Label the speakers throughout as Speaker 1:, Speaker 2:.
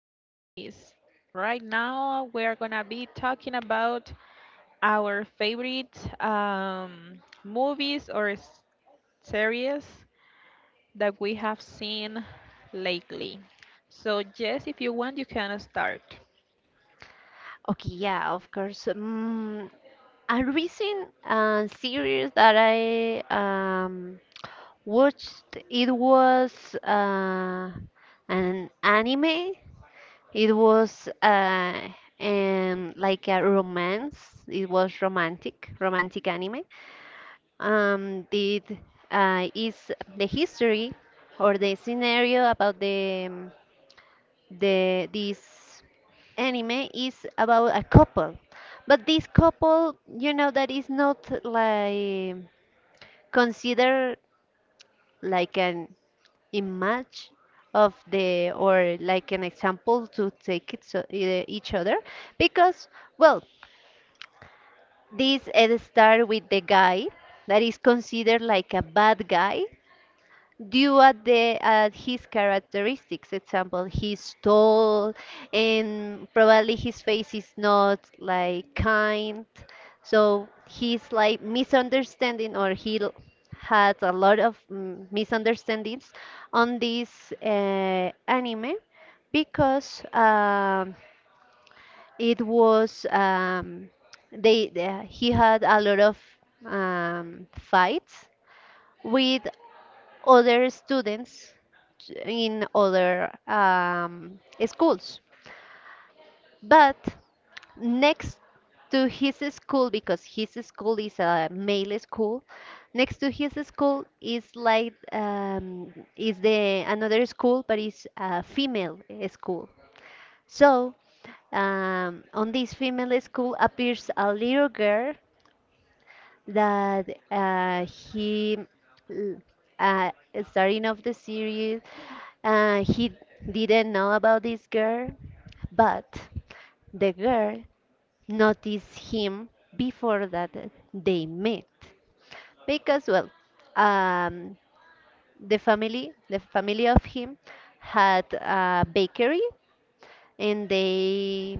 Speaker 1: guys. Right now, we're gonna be talking about our favorite movies or series that we have seen lately. So, Jess, if you want, you can start.
Speaker 2: Okay. Yeah, of course. A recent series that I watched, it was an anime. It was like a romance. It was romantic, romantic anime. It is the history or the scenario about the this anime is about a couple but this couple that is not like considered like an image of the or like an example to take it so, each other because well this start with the guy that is considered like a bad guy due at the at his characteristics example he's tall and probably his face is not like kind so he's like misunderstanding or had a lot of misunderstandings on this anime because it was he had a lot of fights with other students in other schools. But next to his school, because his school is a male school, next to his school is like is the another school, but it's a female school. So on this female school appears a little girl that he l- uh, starting of the series he didn't know about this girl but the girl noticed him before that they met because well um, the family of him had a bakery and they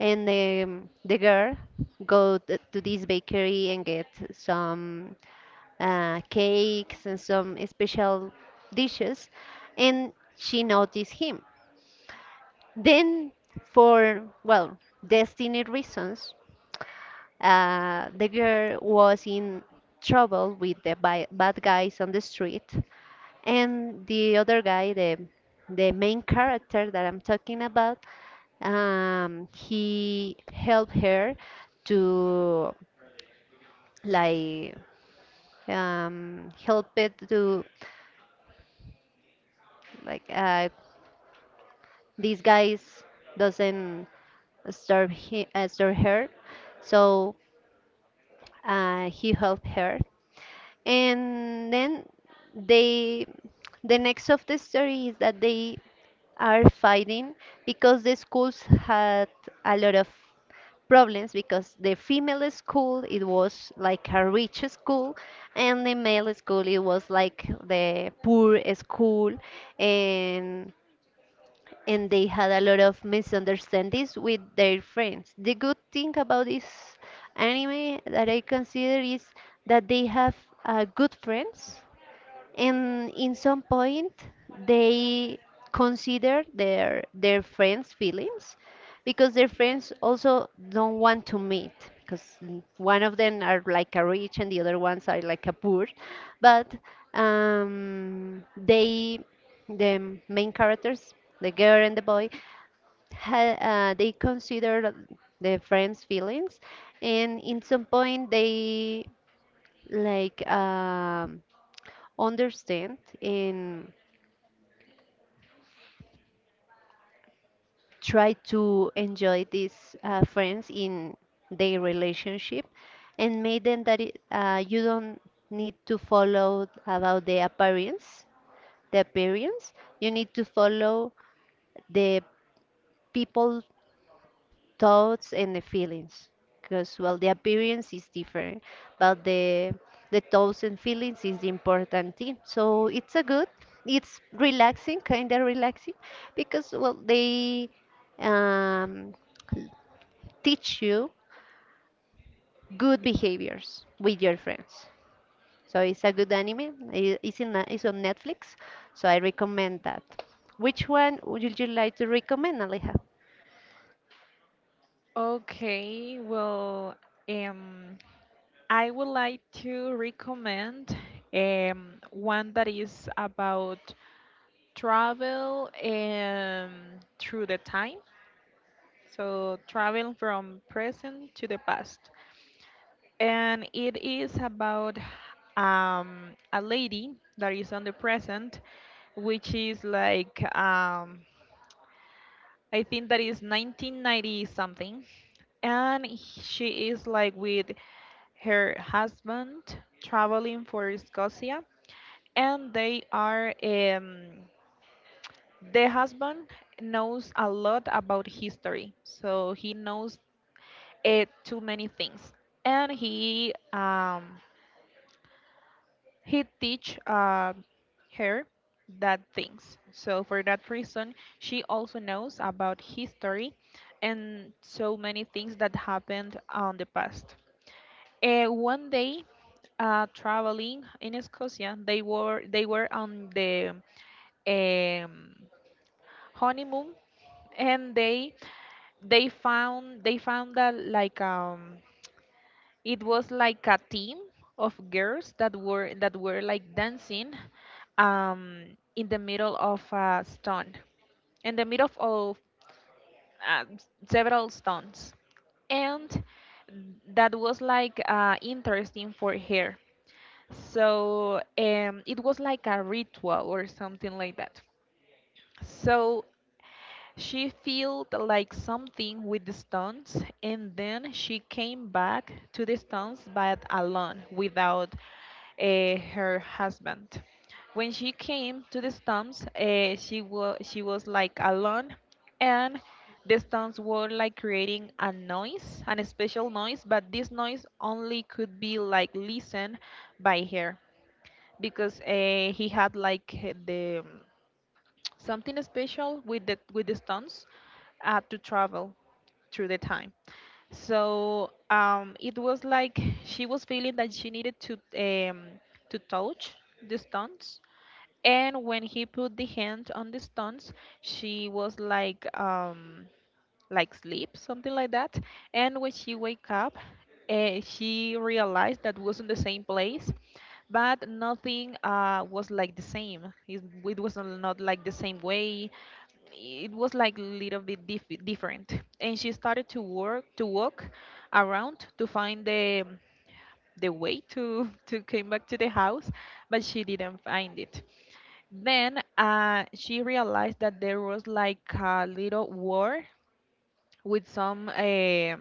Speaker 2: and the girl go to this bakery and get some cakes and some special dishes, and she noticed him. Then, for well, destiny reasons, the girl was in trouble with the bad guys on the street, and the other guy, the main character that I'm talking about, he helped her to like help it to like these guys doesn't disturb he disturb her so he helped her and then they the next of the story is that they are fighting because the schools had a lot of problems because the female school it was like a rich school and the male school it was like the poor school and they had a lot of misunderstandings with their friends. The good thing about this anime that I consider is that they have good friends and in some point they consider their friends' feelings because their friends also don't want to meet because one of them are like a rich and the other ones are like a poor but they the main characters the girl and the boy they consider the friends feelings and in some point they like understand and try to enjoy these friends in their relationship and make them that it, you don't need to follow about the appearance, you need to follow the people thoughts and the feelings because well the appearance is different but the thoughts and feelings is the important thing so it's a good it's relaxing, kind of relaxing, because well they um, teach you good behaviors with your friends. So it's a good anime. It's in it's on Netflix, so I recommend that. Which one would you like to recommend, Aleja?
Speaker 1: Okay, well, um, I would like to recommend one that is about travel through the time. So, travel from present to the past. And it is about a lady that is on the present, which is like, I think that is 1990 something. And she is like with her husband traveling for Scotia. And they are, the husband knows a lot about history. So, he knows too many things, and he teach her that things. So for that reason she also knows about history and so many things that happened on the past. One day, traveling in Scotia, they were on the um, honeymoon, and they found that like it was like a team of girls that were like dancing, um, in the middle of a stone, in the middle of uh, several stones, and that was like interesting for her. So it was like a ritual or something like that. So she felt like something with the stones, and then she came back to the stones but alone, without her husband. When she came to the stones, she was like alone, and the stones were like creating a noise, an special noise, but this noise only could be like listened by her because he had like the something special with the stones to travel through the time. So it was like she was feeling that she needed to touch the stones, and when he put the hand on the stones, she was like sleep, something like that. And when she wake up, she realized that wasn't the same place, but nothing was like the same. It was not like the same way. It was like a little bit different. And she started to work to walk around to find the way to to came back to the house, but she didn't find it. Then she realized that there was like a little war with some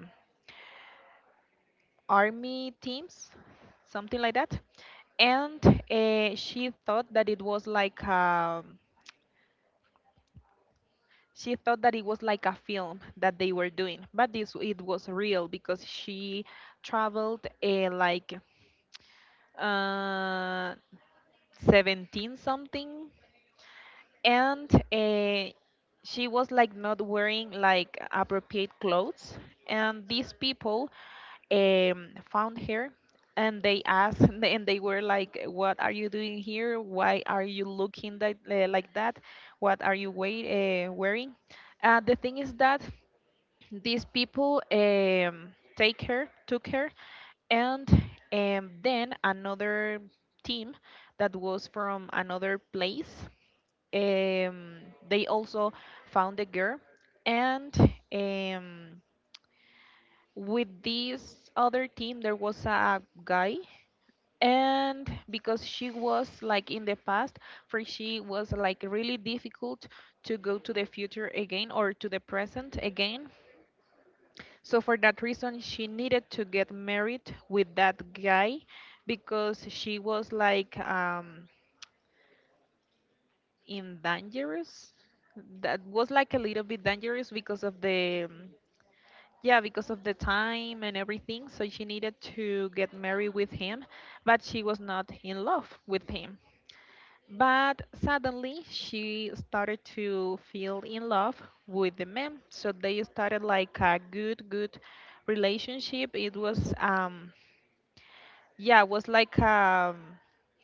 Speaker 1: army teams, something like that. And she thought that it was like a, she thought that it was like a film that they were doing, but this it was real because she traveled uh, 17 something, and she was like not wearing like appropriate clothes, and these people found her, and they asked and they were like, what are you doing here, why are you looking that, like that, what are you wearing? The thing is that these people take her took her, and then another team that was from another place um, they also found the girl, and um, with this other team there was a guy, and because she was like in the past, for she was like really difficult to go to the future again or to the present again, so for that reason she needed to get married with that guy because she was like in dangerous. That was like a little bit dangerous because of the yeah, because of the time and everything. So she needed to get married with him, but she was not in love with him. But suddenly she started to feel in love with the man. So they started like a good, good relationship. It was yeah, it was like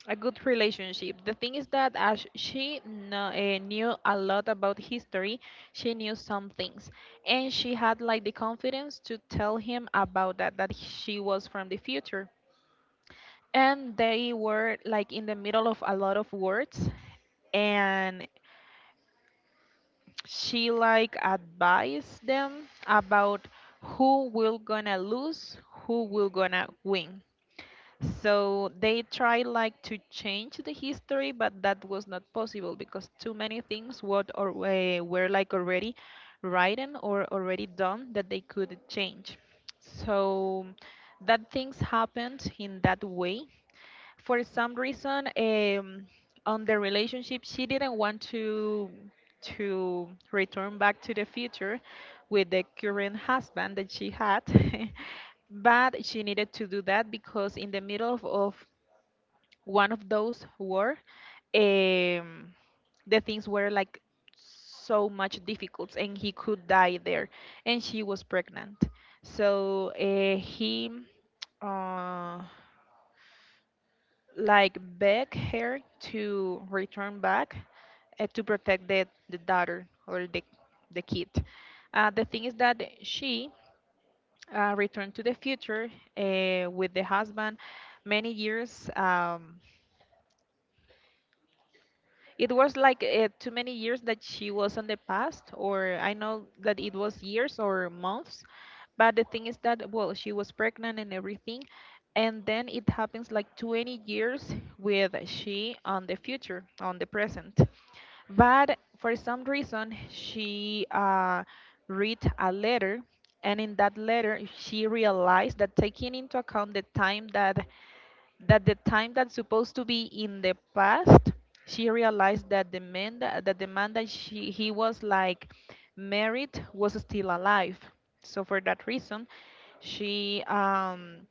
Speaker 1: a good relationship. The thing is that as she knew a lot about history, she knew some things, and she had like the confidence to tell him about that she was from the future. And they were like in the middle of a lot of words, and she like advised them about who will gonna lose, who will gonna win. So they tried like to change the history, but that was not possible because too many things what or were like already written or already done that they could change. So that things happened in that way for some reason. On the relationship she didn't want to return back to the future with the current husband that she had but she needed to do that because in the middle of one of those war, um, the things were like so much difficult and he could die there, and she was pregnant. So he uh, like beg her to return back to protect the daughter or the kid. The thing is that she returned to the future with the husband many years. It was like too many years that she was on the past, or I know that it was years or months. But the thing is that, well, she was pregnant and everything. And then it happens like 20 years with she on the future, on the present. But for some reason, she read a letter. And in that letter, she realized that taking into account the time that that the time that's supposed to be in the past, she realized that the man that she he was like married was still alive. So for that reason, she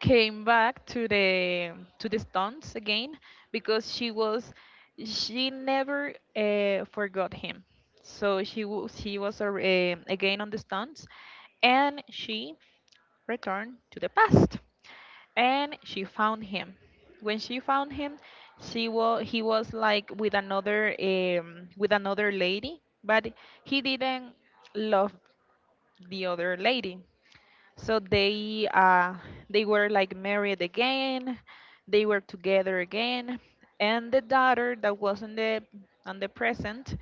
Speaker 1: came back to the stunts again because she was she never forgot him, so she was again on the stunts, and she returned to the past, and she found him. When she found him, she was he was like with another lady, but he didn't love the other lady. So they were like married again. They were together again, and the daughter that was on the present,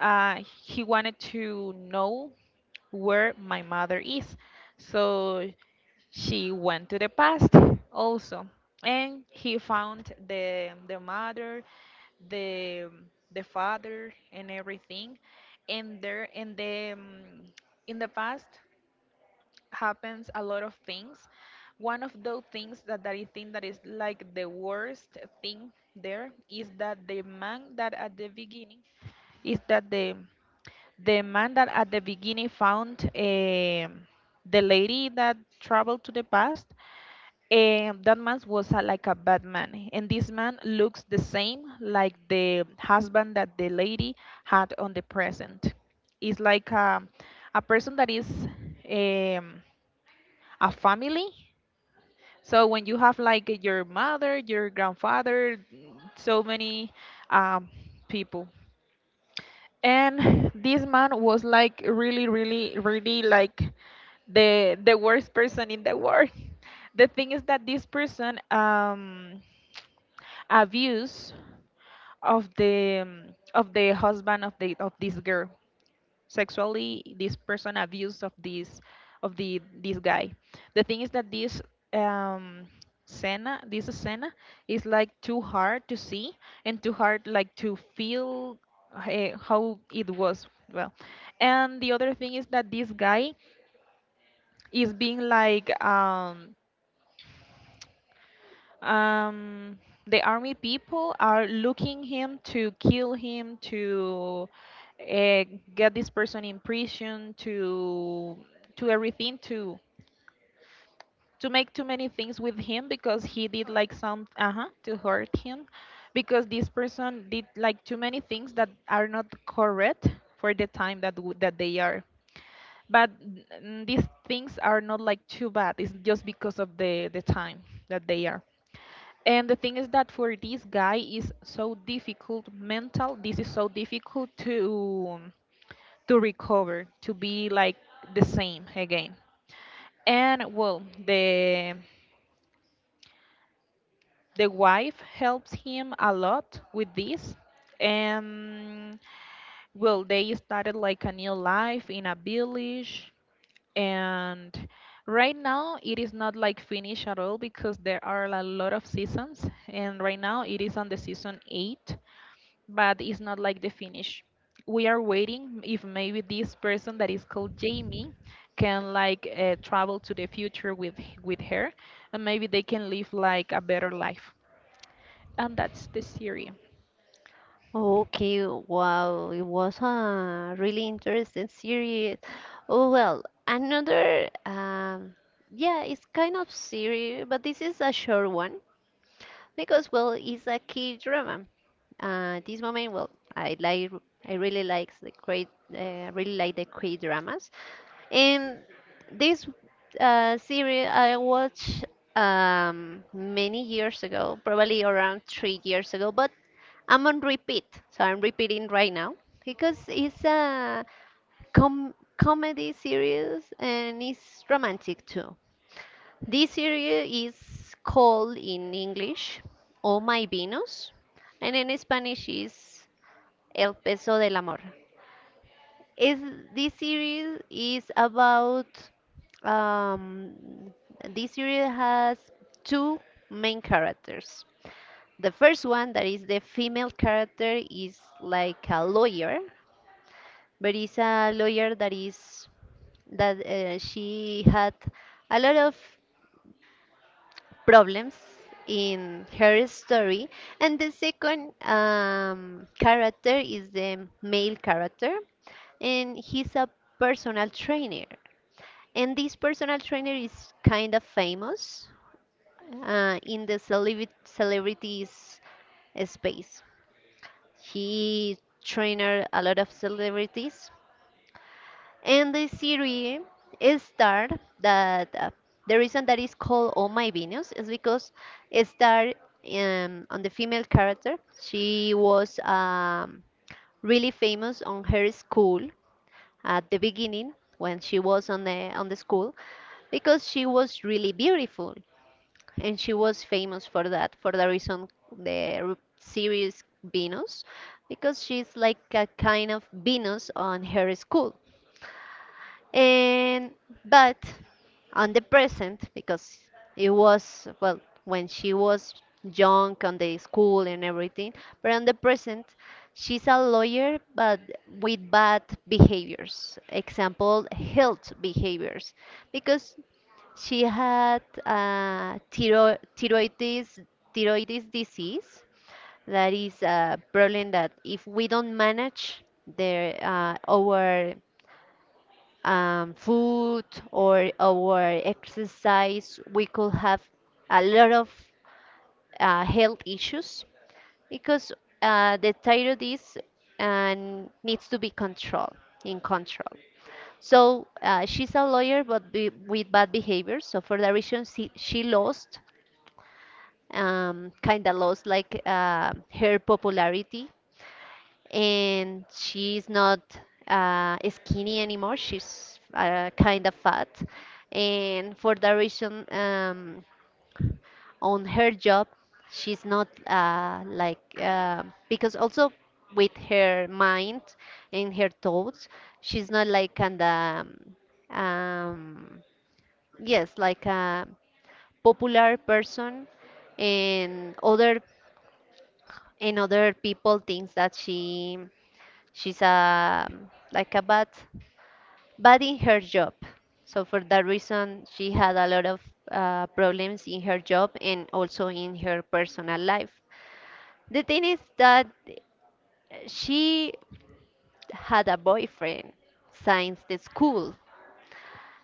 Speaker 1: he wanted to know where my mother is. So she went to the past also, and he found the mother, the the father, and everything, and there in the past happens a lot of things. One of those things that I think that is like the worst thing there is that the man that at the beginning is that the man that at the beginning found the lady that traveled to the past, and that man was a, like a bad man, and this man looks the same like the husband that the lady had on the present, is like a person that is um, a family. So when you have like your mother, your grandfather, so many um, people. And this man was like really, really, really like the worst person in the world. The thing is that this person abused of the um, of the husband of the of this girl sexually. This person abused of this of the this guy. The thing is that this um Senna, this Senna, is like too hard to see and too hard like to feel how it was, well, and the other thing is that this guy is being like um, the army people are looking him to kill him to uh, get this person in prison to everything, to make too many things with him because he did like some uh-huh to hurt him because this person did like too many things that are not correct for the time that that they are. But these things are not like too bad, it's just because of the time that they are. And the thing is that for this guy is so difficult mental. This is so difficult to recover, to be like the same again. And well, the wife helps him a lot with this. And well, they started like a new life in a village, and right now it is not like finished at all because there are a lot of seasons and right now it is on the season 8, but it's not like the finish. We are waiting if maybe this person that is called Jamie can like travel to the future with her and maybe they can live like a better life. And that's the series.
Speaker 2: Okay, wow, it was a really interesting series. Oh, well, another, yeah, it's kind of series, but this is a short one because, well, it's a key drama. This moment, well, I like, I really like the great, really like the K dramas. In this series, I watched many years ago, probably around 3 years ago, but I'm on repeat, so I'm repeating right now because it's a comedy series and it's romantic too. This series is called in English "Oh My Venus," and in Spanish is El Peso del Amor is this series is about um, this series has two main characters. The first one that is the female character is like a lawyer, but it's a lawyer that she had a lot of problems in her story, and the second character is the male character, and he's a personal trainer. And this personal trainer is kind of famous in the celebrities space. He trained a lot of celebrities. And the series Star that the reason that is called Oh My Venus is because Star on the female character she was really famous on her school at the beginning when she was on the school because she was really beautiful and she was famous for that for the reason the series Venus because she's like a kind of Venus on her school and but on the present because it was well when she was young on the school and everything but on the present she's a lawyer but with bad behaviors example health behaviors because she had thyroiditis, thyroiditis disease. That is a problem that if we don't manage the, our food or our exercise, we could have a lot of health issues because the thyroid is and needs to be controlled in control. So she's a lawyer, but be, with bad behavior. So for that reason, she lost kind of lost like her popularity and she's not skinny anymore, she's kind of fat and for that reason on her job she's not like because also with her mind and her thoughts she's not like kind of um, yes like a popular person and other people thinks that she's a like a bad bad in her job so for that reason she had a lot of problems in her job and also in her personal life. The thing is that she had a boyfriend since the school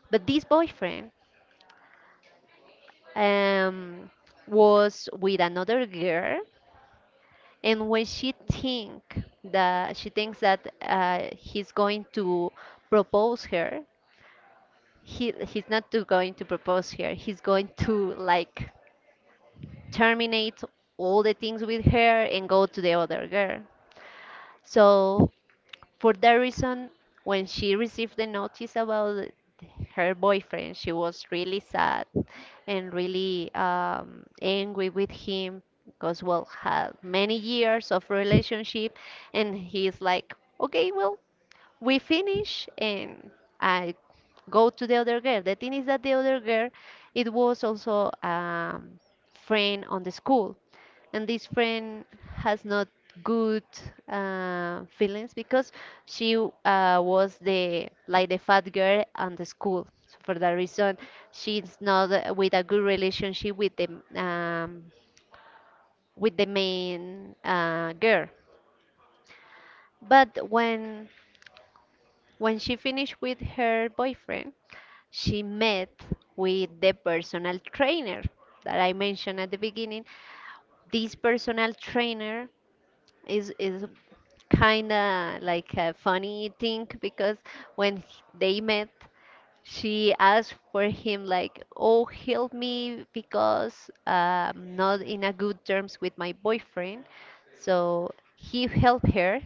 Speaker 2: but this boyfriend um, was with another girl and when she thinks that he's going to propose her, he's not to going to propose her, he's going to like terminate all the things with her and go to the other girl. So for that reason, when she received the notice about her boyfriend she was really sad and really angry with him because well had many years of relationship and he's like okay well we finish and I go to the other girl. The thing is that the other girl it was also friend on the school and this friend has not good feelings because she was the like the fat girl on the school. So for that reason, she's not with a good relationship um, with the main girl. But when she finished with her boyfriend, she met with the personal trainer that I mentioned at the beginning. This personal trainer is kind of like a funny thing because when they met, she asked for him like, "Oh, help me because I'm not in a good terms with my boyfriend." So he helped her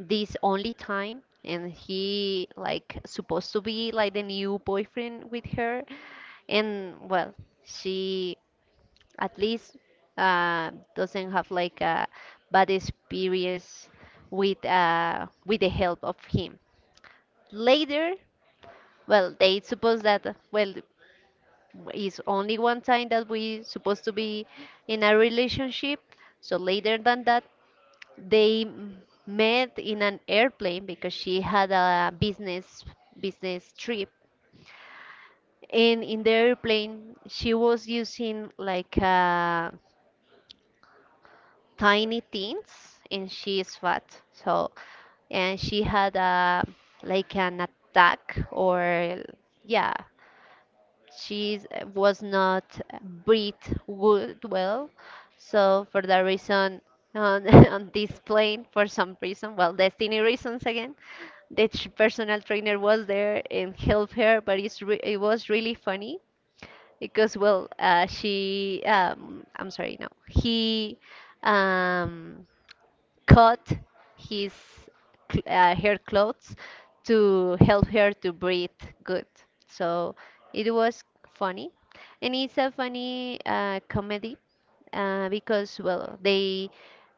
Speaker 2: this only time and he like supposed to be like the new boyfriend with her and well she at least doesn't have like a bad experience with the help of him. Later, well, they suppose that well is only one time that we supposed to be in a relationship. So later than that, they m- met in an airplane because she had a business trip. And in the airplane, she was using like a tiny things and she is fat so and she had a like an attack or yeah, she was not breathed good well so for that reason on, on this plane for some reason well destiny reasons again personal trainer was there and helped her but it was really funny because well she I'm sorry, no, he um, cut his her clothes to help her to breathe good. So it was funny, and it's a funny comedy because well they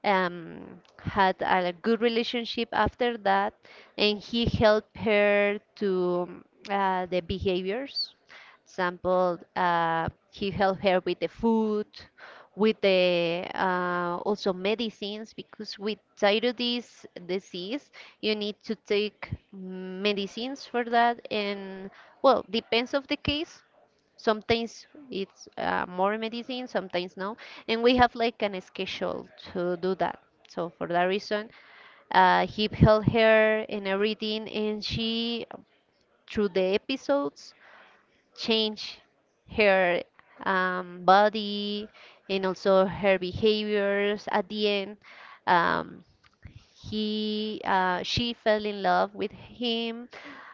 Speaker 2: um, had a good relationship after that and he helped her to the behaviors example he helped her with the food with the also medicines because with thyroiditis disease you need to take medicines for that and well depends of the case. Sometimes it's more medicine, sometimes no. And we have like an schedule to do that. So for that reason, he held her and everything, and she, through the episodes, changed her body and also her behaviors. At the end, um, she fell in love with him.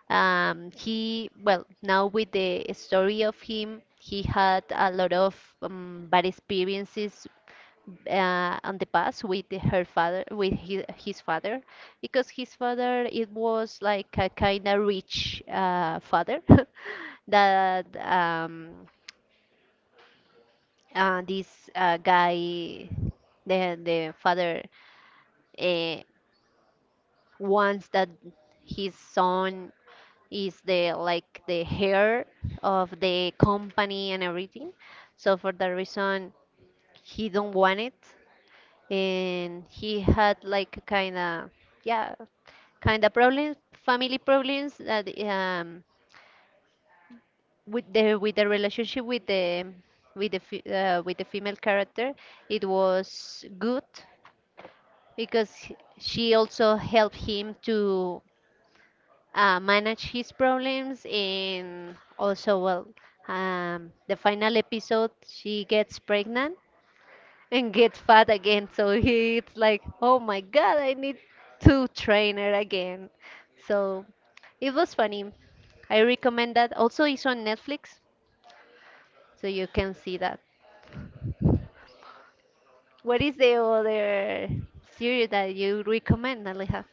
Speaker 2: He, well, now with the story of him, he had a lot of bad experiences on the past with her father, with his father, because his father it was like a kind of rich father that this guy, the father, uh, wants that his son is the like the hair of the company and everything. So for that reason, he don't want it, and he had like kind of yeah kind of problems, family problems that with the relationship with the with the female character. It was good because she also helped him to manage his problems and also well, the final episode she gets pregnant and gets fat again, so he's like, oh my god, I need to train her again. So it was funny. I recommend that, also it's on Netflix, so you can see that. What is the other series that you recommend, Aleja?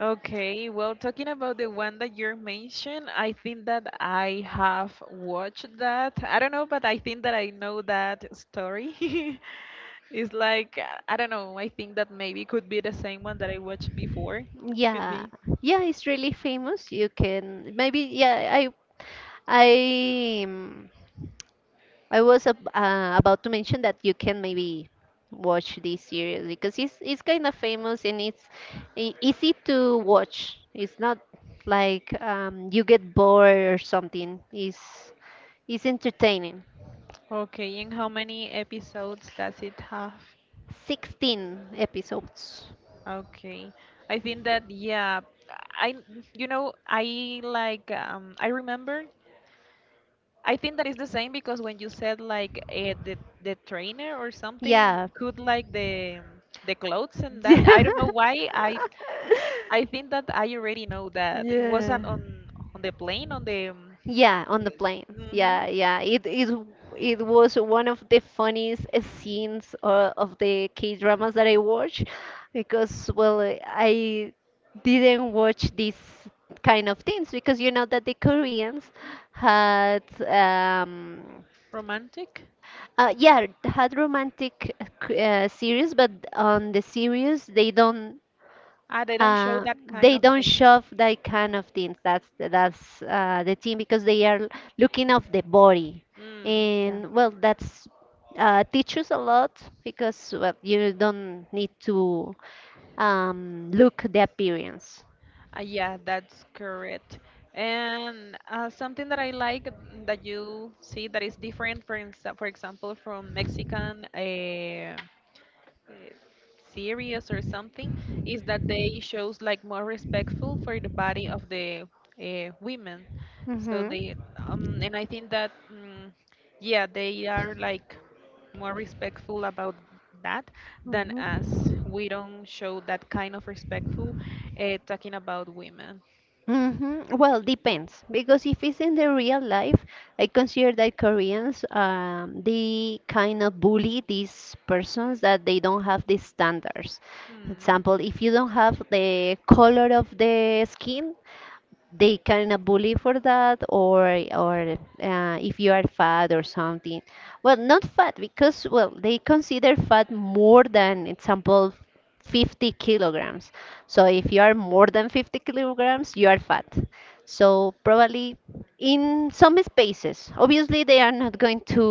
Speaker 1: Okay, well, talking about the one that you mentioned, I think that I have watched that. I don't know, but I think that I know that story. It's like, I don't know, I think that maybe could be the same one that I watched before. Could
Speaker 2: Yeah,
Speaker 1: be.
Speaker 2: yeah, it's really famous. You can maybe yeah, I I was ab about to mention that you can maybe watch this series because it's kind of famous and it's e easy to watch. It's not like, you get bored or something. It's entertaining.
Speaker 1: Okay, and how many episodes does it have?
Speaker 2: 16 episodes.
Speaker 1: Okay. I think that yeah, I you know, I like I remember I think that is the same because when you said like the trainer or something,
Speaker 2: Yeah.
Speaker 1: could like the clothes and that, I don't know why I think that I already know
Speaker 2: Yeah.
Speaker 1: that it
Speaker 2: Yeah,
Speaker 1: wasn't on the plane on the
Speaker 2: yeah. On the plane.
Speaker 1: mm-hmm.
Speaker 2: Yeah, yeah. It it was one of the funniest scenes of the K-dramas that I watch, because well, I didn't watch these kind of things because you know that the Koreans had
Speaker 1: Romantic,
Speaker 2: Yeah, it had romantic series, but on the series
Speaker 1: ah they don't show that kind
Speaker 2: they
Speaker 1: of
Speaker 2: don't
Speaker 1: thing.
Speaker 2: shove that kind of things. That's the thing because they are looking of the body,
Speaker 1: Mm, yeah.
Speaker 2: and well, that's teaches a lot because well, you don't need to look the appearance.
Speaker 1: Yeah, that's correct. And something that I like that you see that is different, for for example, from Mexican uh, series or something, is that they shows like more respectful for the body of the women. So
Speaker 2: Hmm.
Speaker 1: they, and I think that, yeah, they are like more respectful about that than
Speaker 2: Hmm.
Speaker 1: us. We don't show that kind of respectful talking about women.
Speaker 2: Hmm. Well, depends because if it's in the real life, I consider that Koreans, they kind of bully these persons that they don't have these standards.
Speaker 1: Hmm.
Speaker 2: Example, if you don't have the color of the skin, they kind of bully for that, or if you are fat or something. Well, not fat, because well they consider fat more than example 50 kilograms. So if you are more than 50 kilograms, you are fat. So probably in some spaces, obviously they are not going to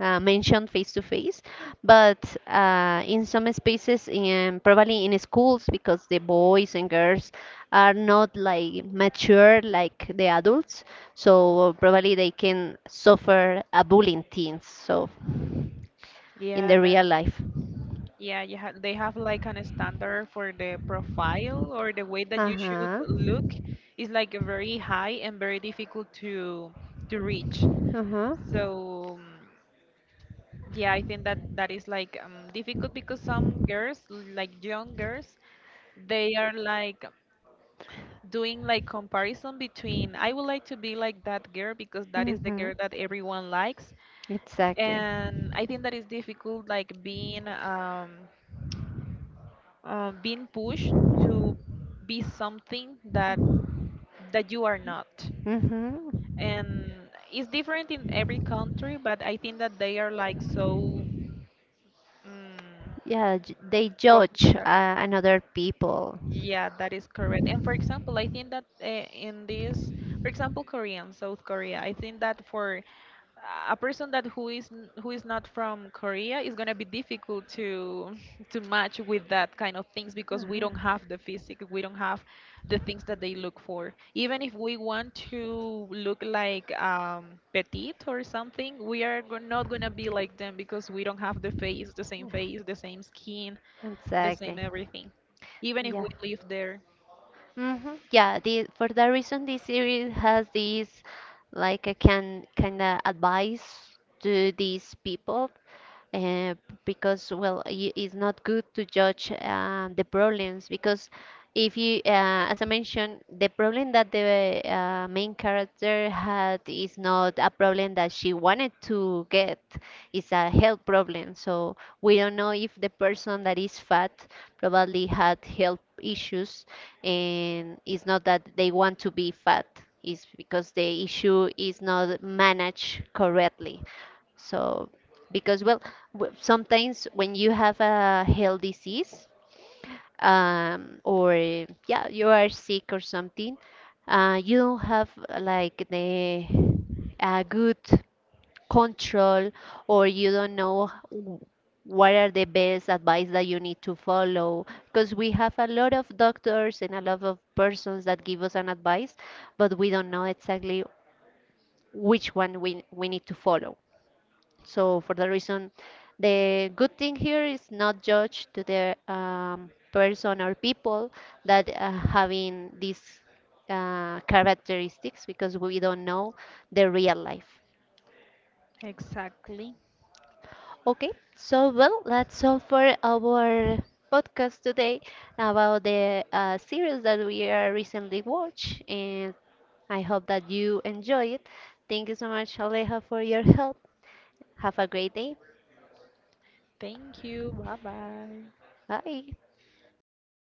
Speaker 2: mentioned face to face, but in some spaces, in, probably in schools, because the boys and girls are not like mature like the adults, so probably they can suffer a bullying teens. So in
Speaker 1: Yeah,
Speaker 2: the
Speaker 1: that
Speaker 2: real life.
Speaker 1: yeah, you ha they have like an standard for the profile or the way that
Speaker 2: Uh
Speaker 1: you should
Speaker 2: huh.
Speaker 1: look is like very high and very difficult to reach.
Speaker 2: Uh huh.
Speaker 1: So yeah, I think that that is like difficult because some girls, like young girls, they are like doing like comparison between I would like to be like that girl because that is the
Speaker 2: Hmm.
Speaker 1: girl that everyone likes,
Speaker 2: Exactly.
Speaker 1: and I think that is difficult, like being being pushed to be something that you are not.
Speaker 2: Hmm.
Speaker 1: And it's different in every country, but I think that they are like so mm,
Speaker 2: Yeah, they
Speaker 1: focused
Speaker 2: judge
Speaker 1: on that.
Speaker 2: another people.
Speaker 1: Yeah, that is correct. And for example, I think that in this, for example, Korean, South Korea, I think that for a person that who is who is not from Korea is gonna be difficult to to match with that kind of things because we
Speaker 2: Mhm.
Speaker 1: don't have the physique, we don't have the things that they look for. Even if we want to look like petite or something, we are not gonna be like them because we don't have the face, the same skin, the same
Speaker 2: Exactly.
Speaker 1: everything. Even if
Speaker 2: Yeah.
Speaker 1: we live there.
Speaker 2: Hmm. Yeah, the for that reason, this series has this like a can kind of advice to these people, uh, because well, it's not good to judge the problems because if you, as I mentioned, the problem that the main character had is not a problem that she wanted to get; it's a health problem. So we don't know if the person that is fat probably had health issues, and it's not that they want to be fat, it's because the issue is not managed correctly. So because well, sometimes when you have a health disease, or yeah you are sick or something, you don't have like the a good control, or you don't know what are the best advice that you need to follow, because we have a lot of doctors and a lot of persons that give us an advice, but we don't know exactly which one we need to follow. So for the reason, the good thing here is not judge to the person or people that having these characteristics, because we don't know the real life.
Speaker 1: Exactly.
Speaker 2: Okay, so well, that's all for our podcast today about the series that we are recently watched, and I hope that you enjoy it. Thank you so much, Aleja, for your help. Have a great day.
Speaker 1: Thank you. Bye bye.
Speaker 2: Bye.